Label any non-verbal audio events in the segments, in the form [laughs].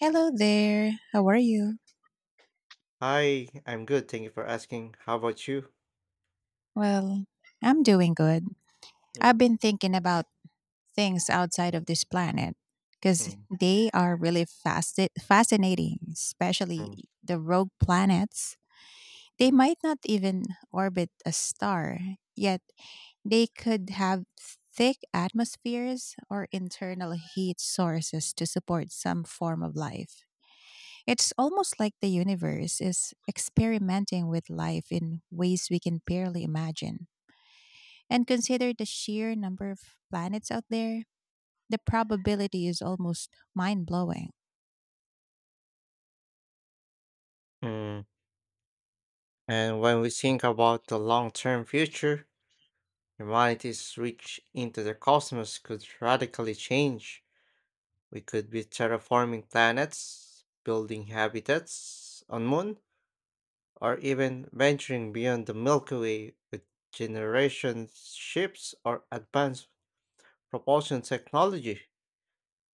Hello there. How are you? Hi, I'm good. Thank you for asking. How about you? Well, I'm doing good. I've Mm, been thinking about things outside of this planet because mm, they are really fascinating, especially mm, the rogue planets. They mm, might not even orbit a star, yet they could have thick atmospheres or internal heat sources to support some form of life. It's almost like the universe is experimenting with life in ways we can barely imagine. And consider the sheer number of planets out there, the probability is almost mind blowing. mm. And when we think about the long-term future, humanity's reach into the cosmos could radically change. We could be terraforming planets, building habitats on moon, or even venturing beyond the Milky Way with generation ships or advanced propulsion technology.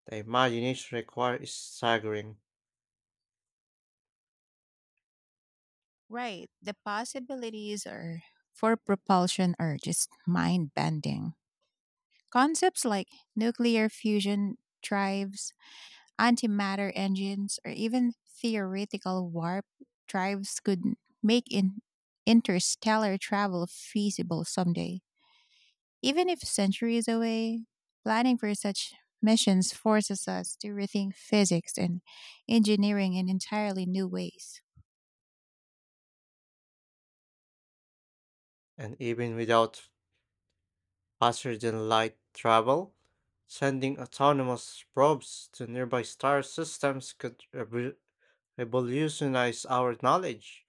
The imagination required is staggering, Right. The possibilities are for propulsion are just mind bending. Concepts like nuclear fusion drives, antimatter engines, or even theoretical warp drives could make interstellar travel feasible someday. Even if centuries away, planning for such missions forces us to rethink physics and engineering in entirely new ways. and even without faster than light travel, sending autonomous probes to nearby star systems could revolutionize our knowledge.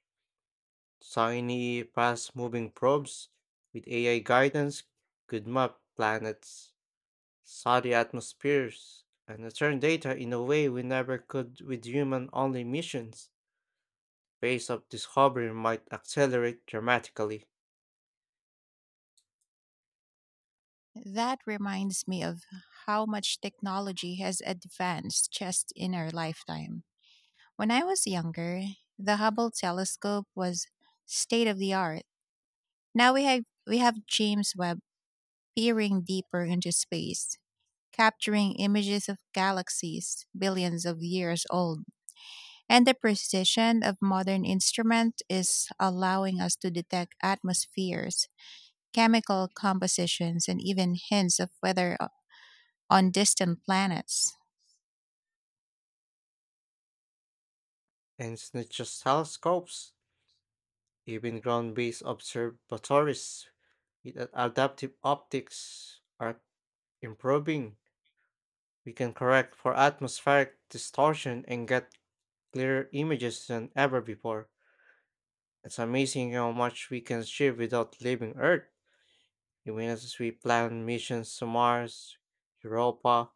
Tiny, fast moving probes with AI guidance could map planets, study atmospheres, and return data in a way we never could with human only missions. Pace of discovery might accelerate dramatically. That reminds me of how much technology has advanced just in our lifetime. When I was younger, the Hubble telescope was state of the art. Now we have James Webb peering deeper into space, capturing images of galaxies billions of years old. And the precision of modern instrument is allowing us to detect atmospheres, chemical compositions and even hints of weather on distant planets. And it's not just telescopes, even ground based observatories with adaptive optics are improving, we can correct for atmospheric distortion and get clearer images than ever before. It's amazing how much we can achieve without leaving Earth, even as we plan missions to Mars, Europa,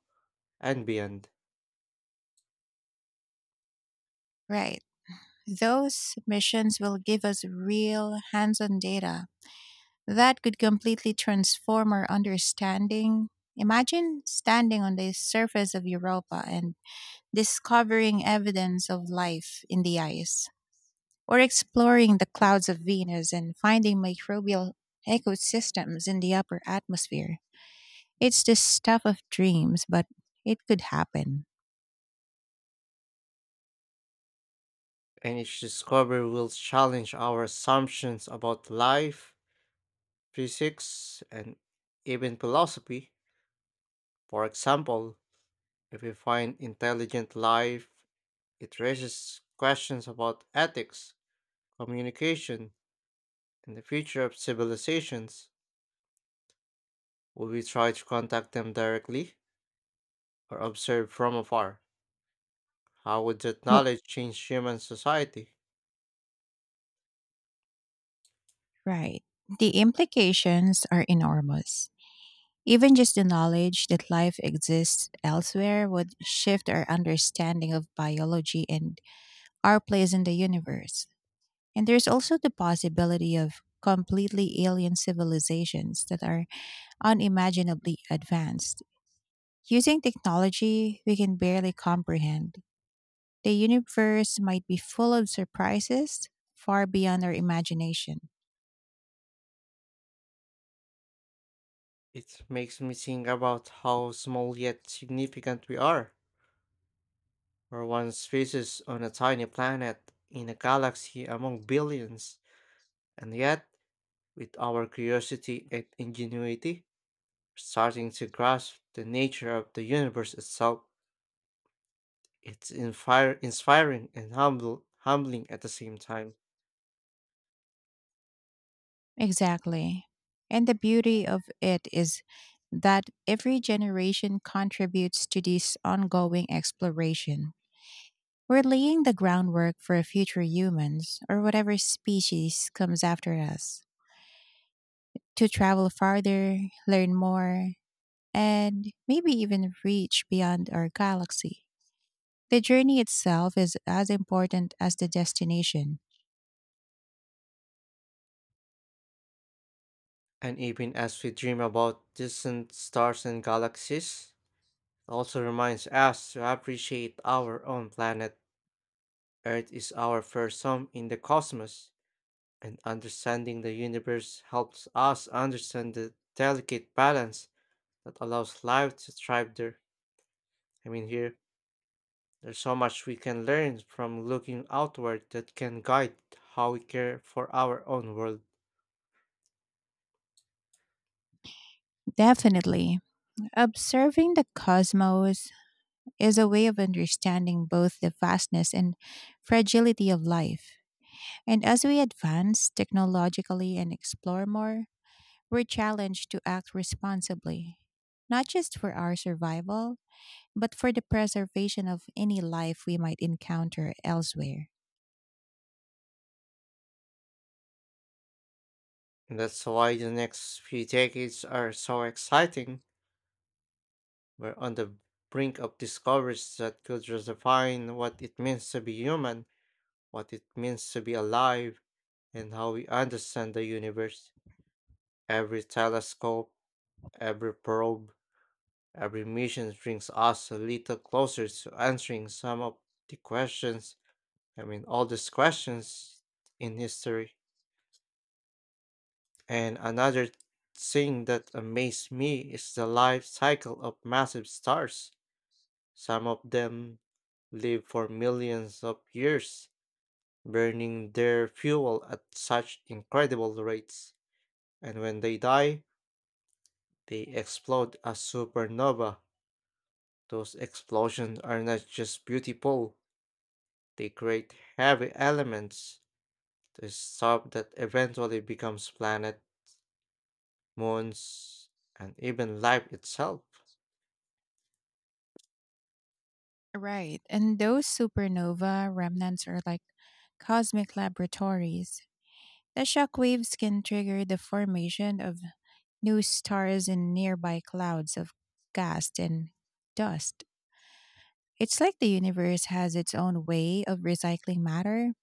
and beyond. Right. Those missions will give us real hands-on data that could completely transform our understanding. Imagine standing on the surface of Europa and discovering evidence of life in the ice, or exploring the clouds of Venus and finding microbial ecosystems in the upper atmosphere. It's the stuff of dreams, but it could happen. And each discovery will challenge our assumptions about life, physics, and even philosophy. For example, if we find intelligent life, it raises questions about ethics, communication, and the future of civilizations. Would we try to contact them directly or observe from afar? How would that Well, knowledge change human society? right. The implications are enormous. Even just the knowledge that life exists elsewhere would shift our understanding of biology and our place in the universe. And there's also the possibility of completely alien civilizations that are unimaginably advanced. Using technology we can barely comprehend, the universe might be full of surprises far beyond our imagination. It makes me think about how small yet significant we are. We're one species on a tiny planet in a galaxy among billions, and yet, with our curiosity and ingenuity, we're starting to grasp the nature of the universe itself. It's inspiring and humbling at the same time. Exactly. And the beauty of it is that every generation contributes to this ongoing exploration. We're laying the groundwork for future humans, or whatever species comes after us, to travel farther, learn more, and maybe even reach beyond our galaxy. The journey itself is as important as the destination. And even as we dream about distant stars and galaxies, it also reminds us to appreciate our own planet. Earth is our first home in the cosmos, and understanding the universe helps us understand the delicate balance that allows life to thrive there. I mean, here, there's so much we can learn from looking outward that can guide how we care for our own world. Definitely. Observing the cosmos is a way of understanding both the vastness and fragility of life. And as we advance technologically and explore more, we're challenged to act responsibly, not just for our survival, but for the preservation of any life we might encounter elsewhere. That's why the next few decades are so exciting. We're on the brink of discoveries that could redefine what it means to be human, what it means to be alive, and how we understand the universe. Every telescope, every probe, every mission brings us a little closer to answering some of the questions, I mean, all these questions in history. And another thing that amazed me is the life cycle of massive stars. Some of them live for millions of years, burning their fuel at such incredible rates. And when they die, they explode as supernova. Those explosions are not just beautiful, they create heavy elements, the stuff that eventually becomes planet, moons, and even life itself. Right. And those supernova remnants are like cosmic laboratories. The shock waves can trigger the formation of new stars in nearby clouds of gas and dust. It's like the universe has its own way of recycling matter,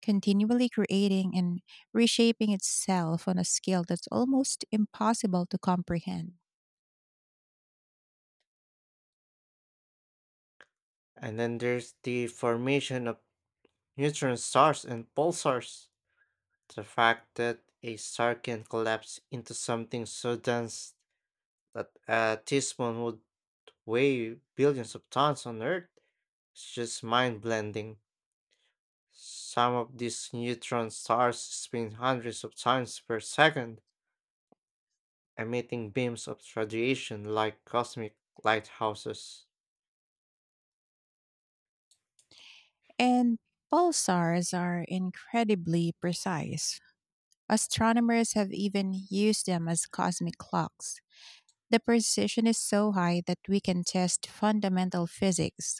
continually creating and reshaping itself on a scale that's almost impossible to comprehend. And then there's the formation of neutron stars and pulsars. The fact that a star can collapse into something so dense that a teaspoon would weigh billions of tons on Earth is just mind blending. Some of these neutron stars spin hundreds of times per second, emitting beams of radiation like cosmic lighthouses. And pulsars are incredibly precise. Astronomers have even used them as cosmic clocks. The precision is so high that we can test fundamental physics,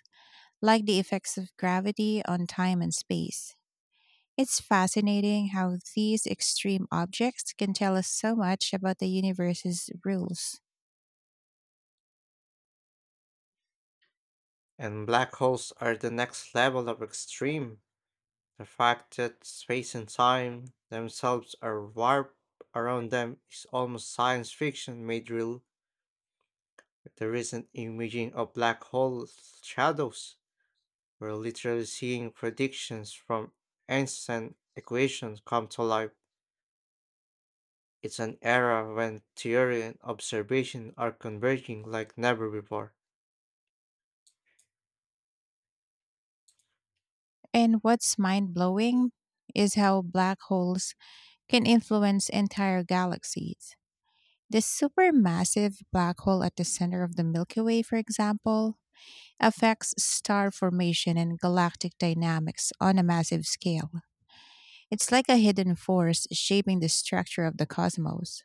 like the effects of gravity on time and space. It's fascinating how these extreme objects can tell us so much about the universe's rules. And black holes are the next level of extreme. The fact that space and time themselves are warped around them is almost science fiction made real. The recent imaging of black hole shadows, we're literally seeing predictions from ancient equations come to life. It's an era when theory and observation are converging like never before. And what's mind blowing is how black holes can influence entire galaxies. The supermassive black hole at the center of the Milky Way, for example, affects star formation and galactic dynamics on a massive scale. It's like a hidden force shaping the structure of the cosmos.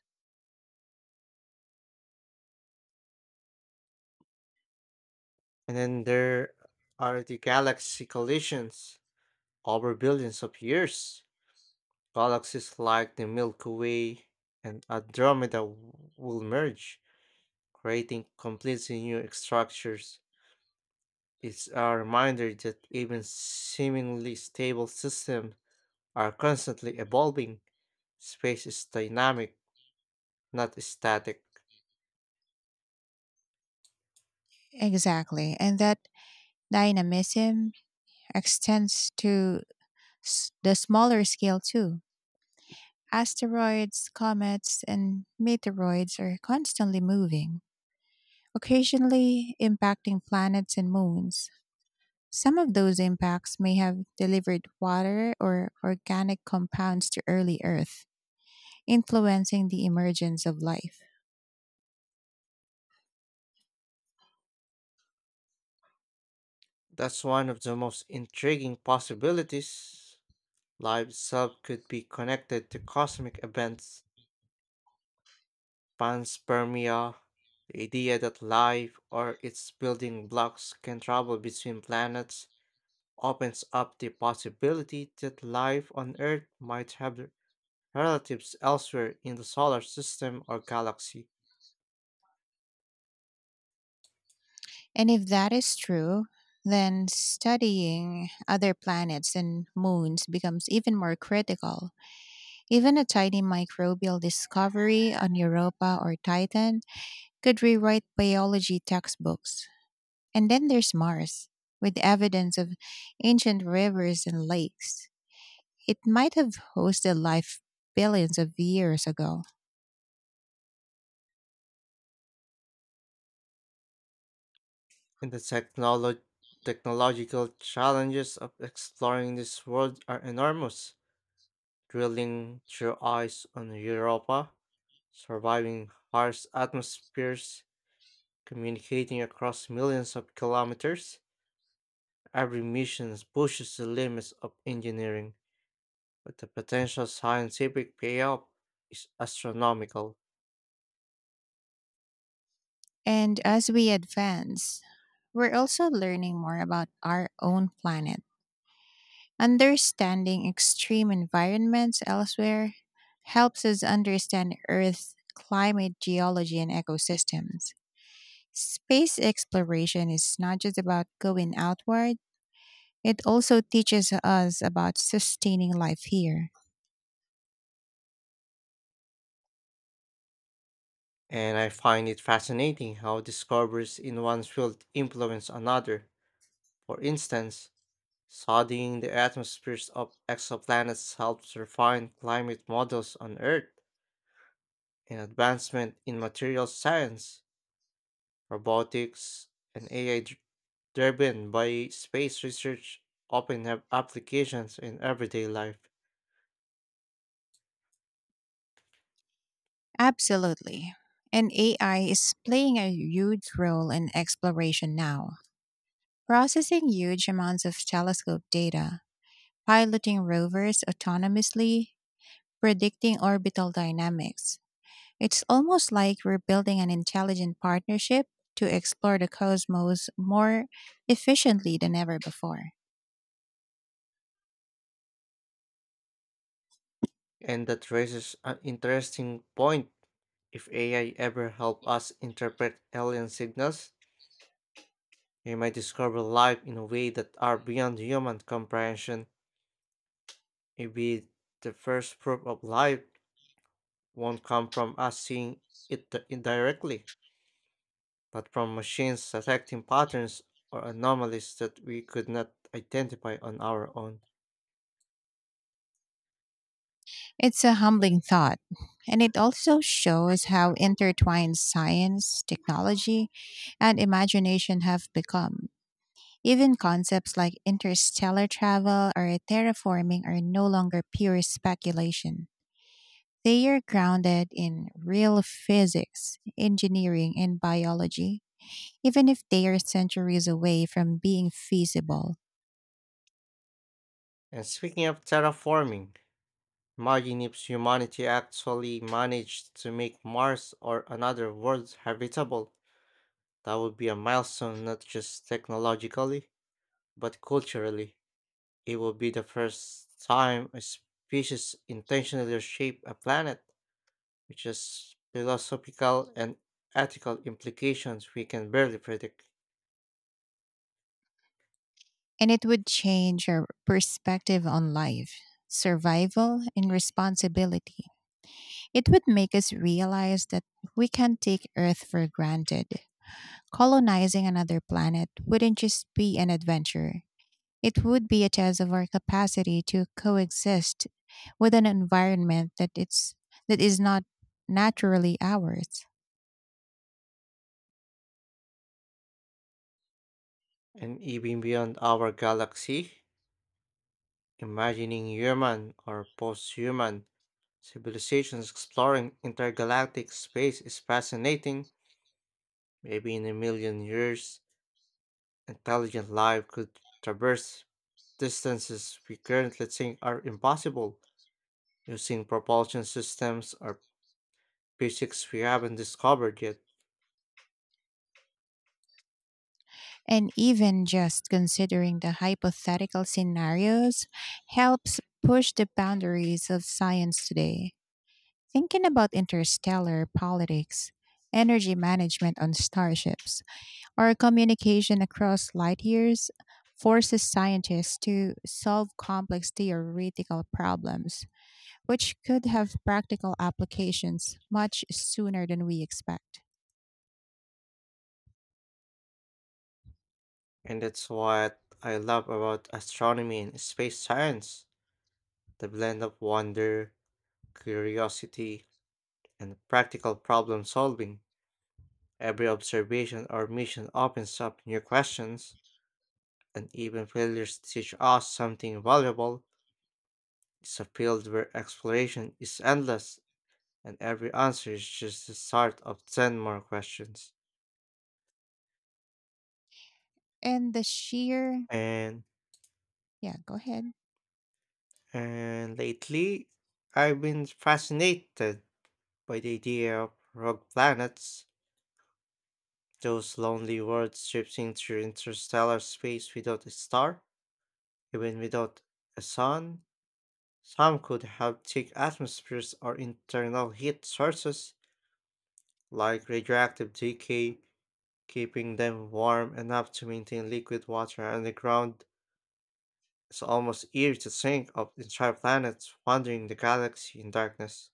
And then there are the galaxy collisions over billions of years. Galaxies like the Milky Way and Andromeda will merge, creating completely new structures. It's a reminder that even seemingly stable systems are constantly evolving. Space is dynamic, not static. Exactly. And that dynamism extends to the smaller scale too. Asteroids, comets, and meteoroids are constantly moving, occasionally impacting planets and moons. Some of those impacts may have delivered water or organic compounds to early Earth, influencing the emergence of life. That's one of the most intriguing possibilities. Life itself could be connected to cosmic events. Panspermia, the idea that life or its building blocks can travel between planets, opens up the possibility that life on Earth might have relatives elsewhere in the solar system or galaxy. And if that is true, then studying other planets and moons becomes even more critical. Even a tiny microbial discovery on Europa or Titan could rewrite biology textbooks. And then there's Mars, with evidence of ancient rivers and lakes. It might have hosted life billions of years ago. And the technological challenges of exploring this world are enormous. Drilling through ice on Europa, surviving harsh atmospheres, communicating across millions of kilometers, every mission pushes the limits of engineering, but the potential scientific payoff is astronomical. And as we advance, we're also learning more about our own planet. Understanding extreme environments elsewhere helps us understand Earth's climate, geology, and ecosystems. Space exploration is not just about going outward. It also teaches us about sustaining life here. And I find it fascinating how discoveries in one field influence another. For instance, studying the atmospheres of exoplanets helps refine climate models on Earth, and advancement in materials science, robotics, and AI driven by space research often have applications in everyday life. Absolutely. And AI is playing a huge role in exploration now, processing huge amounts of telescope data, piloting rovers autonomously, predicting orbital dynamics. It's almost like we're building an intelligent partnership to explore the cosmos more efficiently than ever before. And that raises an interesting point. If AI ever help us interpret alien signals, we might discover life in a way that are beyond human comprehension. Maybe the first proof of life won't come from us seeing it indirectly, but from machines detecting patterns or anomalies that we could not identify on our own. It's a humbling thought, and it also shows how intertwined science, technology, and imagination have become. Even concepts like interstellar travel or terraforming are no longer pure speculation. They are grounded in real physics, engineering, and biology, even if they are centuries away from being feasible. And speaking of terraforming, imagine if humanity actually managed to make Mars or another world habitable. That would be a milestone not just technologically, but culturally. It would be the first time a species intentionally shaped a planet, which has philosophical and ethical implications we can barely predict, And it would change our perspective on life, survival, and responsibility. It would make us realize that we can't take Earth for granted. Colonizing another planet wouldn't just be an adventure, it would be a test of our capacity to coexist with an environment that that is not naturally ours. and even beyond our galaxy. Imagining human or post human civilizations exploring intergalactic space is fascinating. Maybe in a million years, intelligent life could traverse distances we currently think are impossible using propulsion systems or physics we haven't discovered yet. And even just considering the hypothetical scenarios helps push the boundaries of science today. Thinking about interstellar politics, energy management on starships, our communication across light years forces scientists to solve complex theoretical problems, which could have practical applications much sooner than we expect. And that's what I love about astronomy and space science, the blend of wonder, curiosity, and practical problem solving. Every observation or mission opens up new questions, and even failures teach us something valuable. It's a field where exploration is endless, and every answer is just the start of 10 more questions. And the sheer, And, yeah, go ahead. and lately, I've been fascinated by the idea of rogue planets, those lonely worlds drifting through interstellar space without a star, even without a sun. Some could have thick atmospheres or internal heat sources, like radioactive decay, keeping them warm enough to maintain liquid water underground. It's almost eerie to think of entire planets wandering the galaxy in darkness.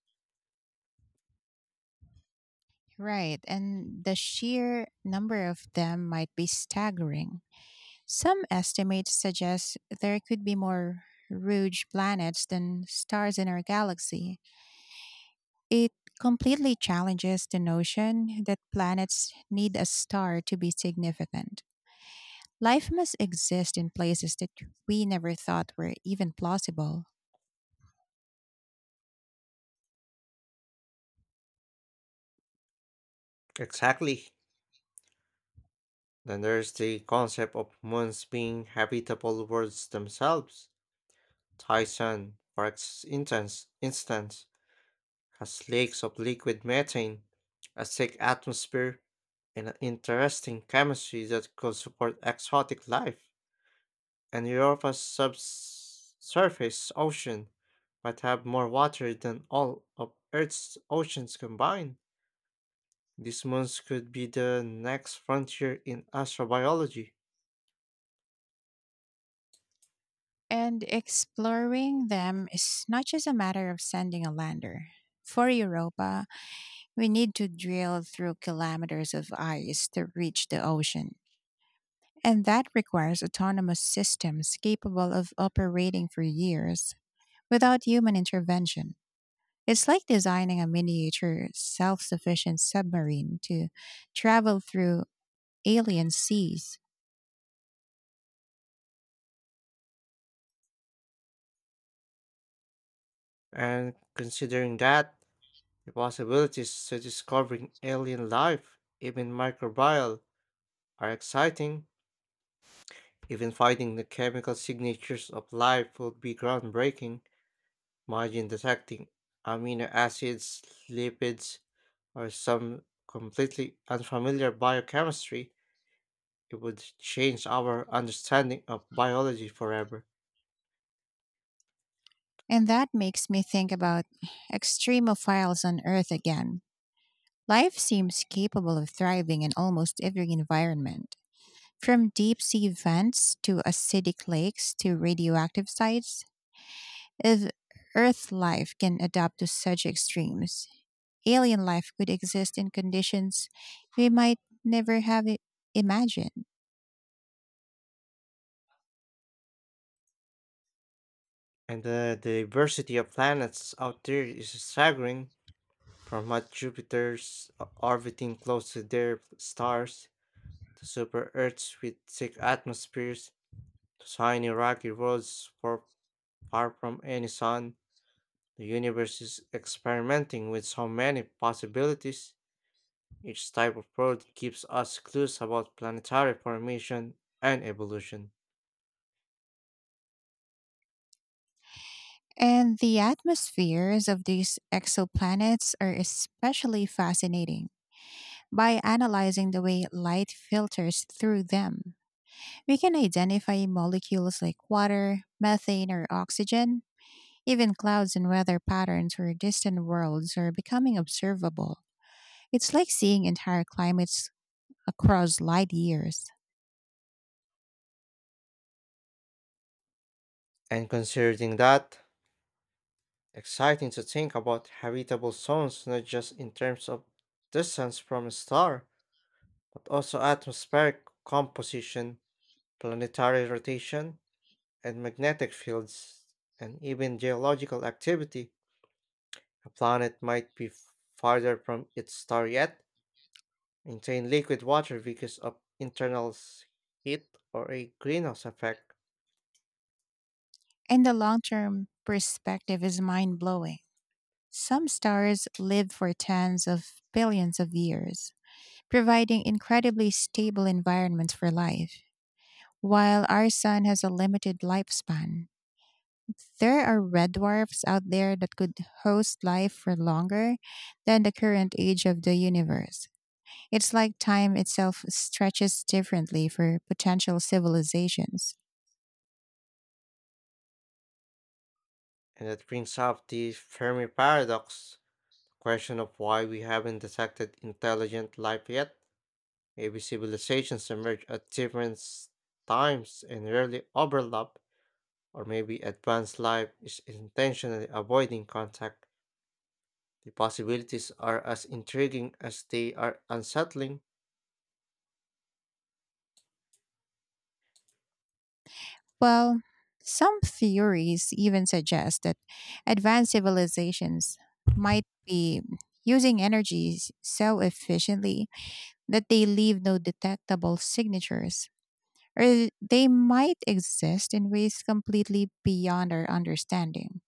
Right, and the sheer number of them might be staggering. Some estimates suggest there could be more rogue planets than stars in our galaxy. It completely challenges the notion that planets need a star to be significant. Life must exist in places that we never thought were even plausible. Exactly. Then there's the concept of moons being habitable worlds themselves. Tyson, for instance, has lakes of liquid methane, a thick atmosphere, and an interesting chemistry that could support exotic life. And Europa's subsurface ocean might have more water than all of Earth's oceans combined. These moons could be the next frontier in astrobiology. And exploring them is not just a matter of sending a lander. For Europa, we need to drill through kilometers of ice to reach the ocean. And that requires autonomous systems capable of operating for years without human intervention. It's like designing a miniature, self sufficient submarine to travel through alien seas. And considering that, the possibilities to discovering alien life, even microbial, are exciting. Even finding the chemical signatures of life would be groundbreaking. Imagine detecting amino acids, lipids, or some completely unfamiliar biochemistry. It would change our understanding of biology forever. And that makes me think about extremophiles on Earth again. Life seems capable of thriving in almost every environment, from deep sea vents to acidic lakes to radioactive sites. If Earth life can adapt to such extremes, alien life could exist in conditions we might never have imagined. And the diversity of planets out there is staggering, from what Jupiter's orbiting close to their stars, to super Earths with thick atmospheres, to tiny rocky worlds far from any sun, the universe is experimenting with so many possibilities. Each type of road gives us clues about planetary formation and evolution. And the atmospheres of these exoplanets are especially fascinating by analyzing the way light filters through them. We can identify molecules like water, methane, or oxygen. Even clouds and weather patterns for distant worlds are becoming observable. It's like seeing entire climates across light years. And considering that, exciting to think about habitable zones not just in terms of distance from a star, but also atmospheric composition, planetary rotation, and magnetic fields, and even geological activity. A planet might be farther from its star yet, maintain liquid water because of internal heat or a greenhouse effect, And the long term perspective is mind blowing. Some stars live for tens of billions of years, providing incredibly stable environments for life, while our sun has a limited lifespan. There are red dwarfs out there that could host life for longer than the current age of the universe. It's like time itself stretches differently for potential civilizations. and that brings up the Fermi paradox, the question of why we haven't detected intelligent life yet. Maybe civilizations emerge at different times and rarely overlap, or maybe advanced life is intentionally avoiding contact. The possibilities are as intriguing as they are unsettling. Well, some theories even suggest that advanced civilizations might be using so efficiently that they leave no detectable signatures, or they might exist in ways completely beyond our understanding.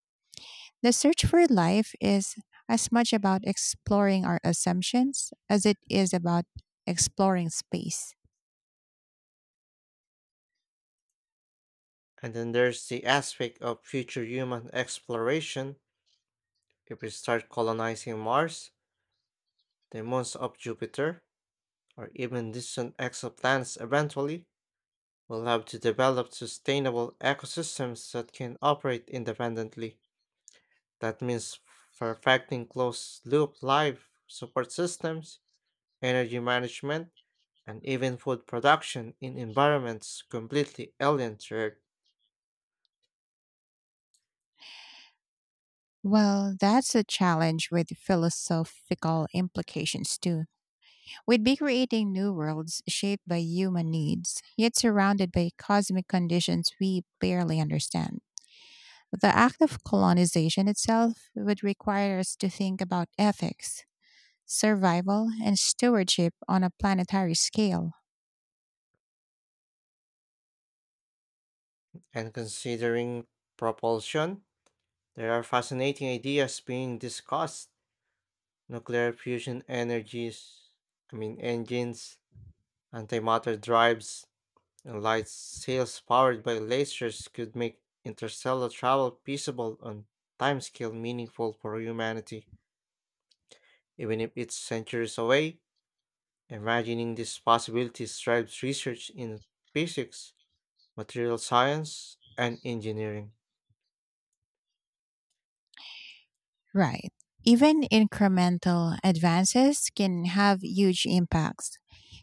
The search for life is as much about exploring our assumptions as it is about exploring space. And then there's the aspect of future human exploration. If we start colonizing Mars, the moons of Jupiter, or even distant exoplanets eventually, we'll have to develop sustainable ecosystems that can operate independently. That means perfecting closed loop life support systems, energy management, and even food production in environments completely alien to Earth. Well, that's a challenge with philosophical implications too. We'd be creating new worlds shaped by human needs, yet surrounded by cosmic conditions we barely understand. The act of colonization itself would require us to think about ethics, survival, and stewardship on a planetary scale. And considering propulsion, there are fascinating ideas being discussed, nuclear fusion energies, I mean engines, antimatter drives, and light sails powered by lasers could make interstellar travel feasible on timescale meaningful for humanity. Even if it's centuries away, imagining these possibilities drives research in physics, material science, and engineering. Right. Even incremental advances can have huge impacts.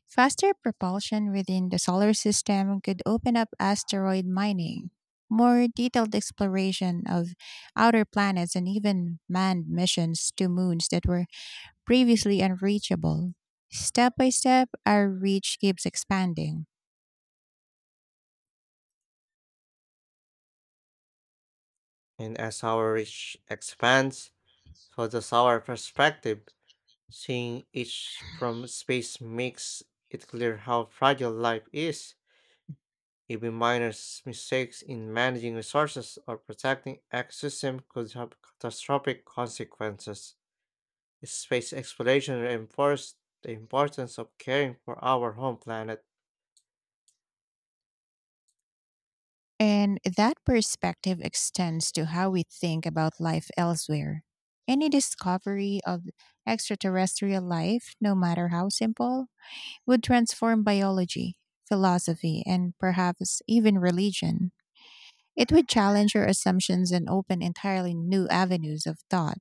Faster propulsion within the solar system could open up asteroid mining, more detailed exploration of outer planets, and even manned missions to moons that were previously unreachable. Step by step, our reach keeps expanding. And as our reach expands, so does our perspective. Seeing each from space makes it clear how fragile life is. Even minor mistakes in managing resources or protecting ecosystem could have catastrophic consequences. Space exploration reinforced the importance of caring for our home planet. And that perspective extends to how we think about life elsewhere. Any discovery of extraterrestrial life, no matter how simple, would transform biology, philosophy, and perhaps even religion. It would challenge your assumptions and open entirely new avenues of thought.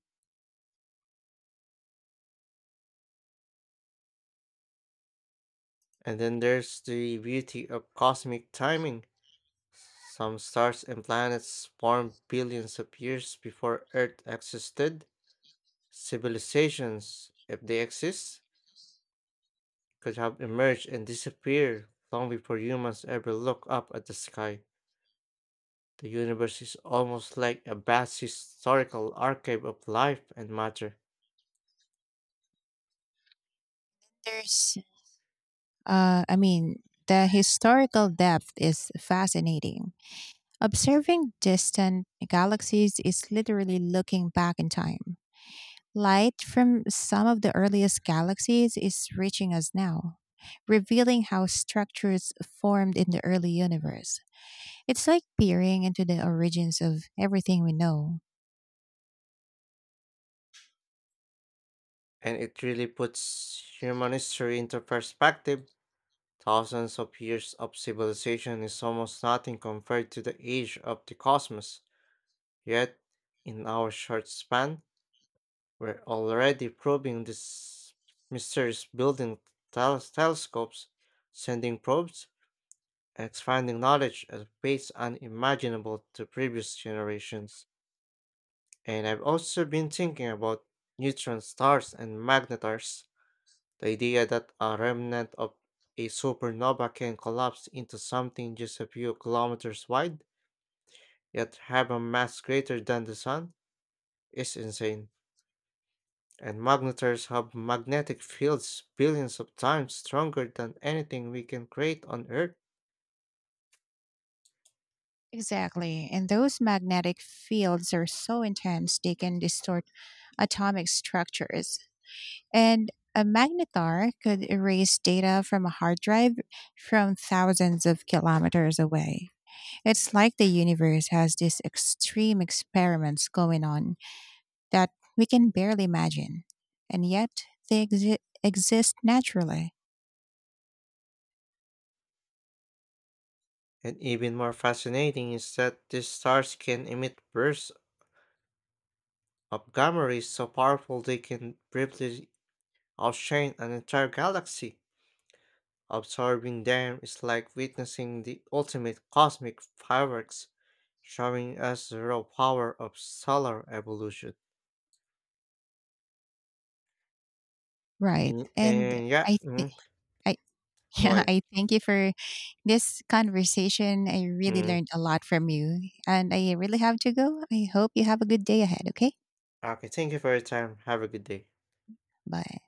And then there's the beauty of cosmic timing. Some stars and planets formed billions of years before Earth existed. Civilizations, if they exist, could have emerged and disappeared long before humans ever look up at the sky. The universe is almost like a vast historical archive of life and matter, There's, uh, I mean, the historical depth is fascinating. Observing distant galaxies is literally looking back in time. Light from some of the earliest galaxies is reaching us now, revealing how structures formed in the early universe. It's like peering into the origins of everything we know. and it really puts human history into perspective. Thousands of years of civilization is almost nothing compared to the age of the cosmos. Yet, in our short span, we're already probing this mysterious building telescopes, sending probes, expanding knowledge at pace unimaginable to previous generations. And I've also been thinking about neutron stars and magnetars, the idea that a remnant of a supernova can collapse into something just a few kilometers wide, yet have a mass greater than the sun, is insane. And magnetars have magnetic fields billions of times stronger than anything we can create on Earth. Exactly, and those magnetic fields are so intense they can distort atomic structures. And a magnetar could erase data from a hard drive from thousands of kilometers away. It's like the universe has these extreme experiments going on, that we can barely imagine. And yet they exist naturally. And even more fascinating is that these stars can emit bursts of gamma rays so powerful they can briefly outshine an entire galaxy. Observing them is like witnessing the ultimate cosmic fireworks, showing us the raw power of solar evolution. Right. And, And and yeah, I, th- I, [laughs] go yeah, ahead. I thank you for this conversation. I really Mm. learned a lot from you. And I really have to go. I hope you have a good day ahead. Okay. Okay, thank you for your time. Have a good day. Bye.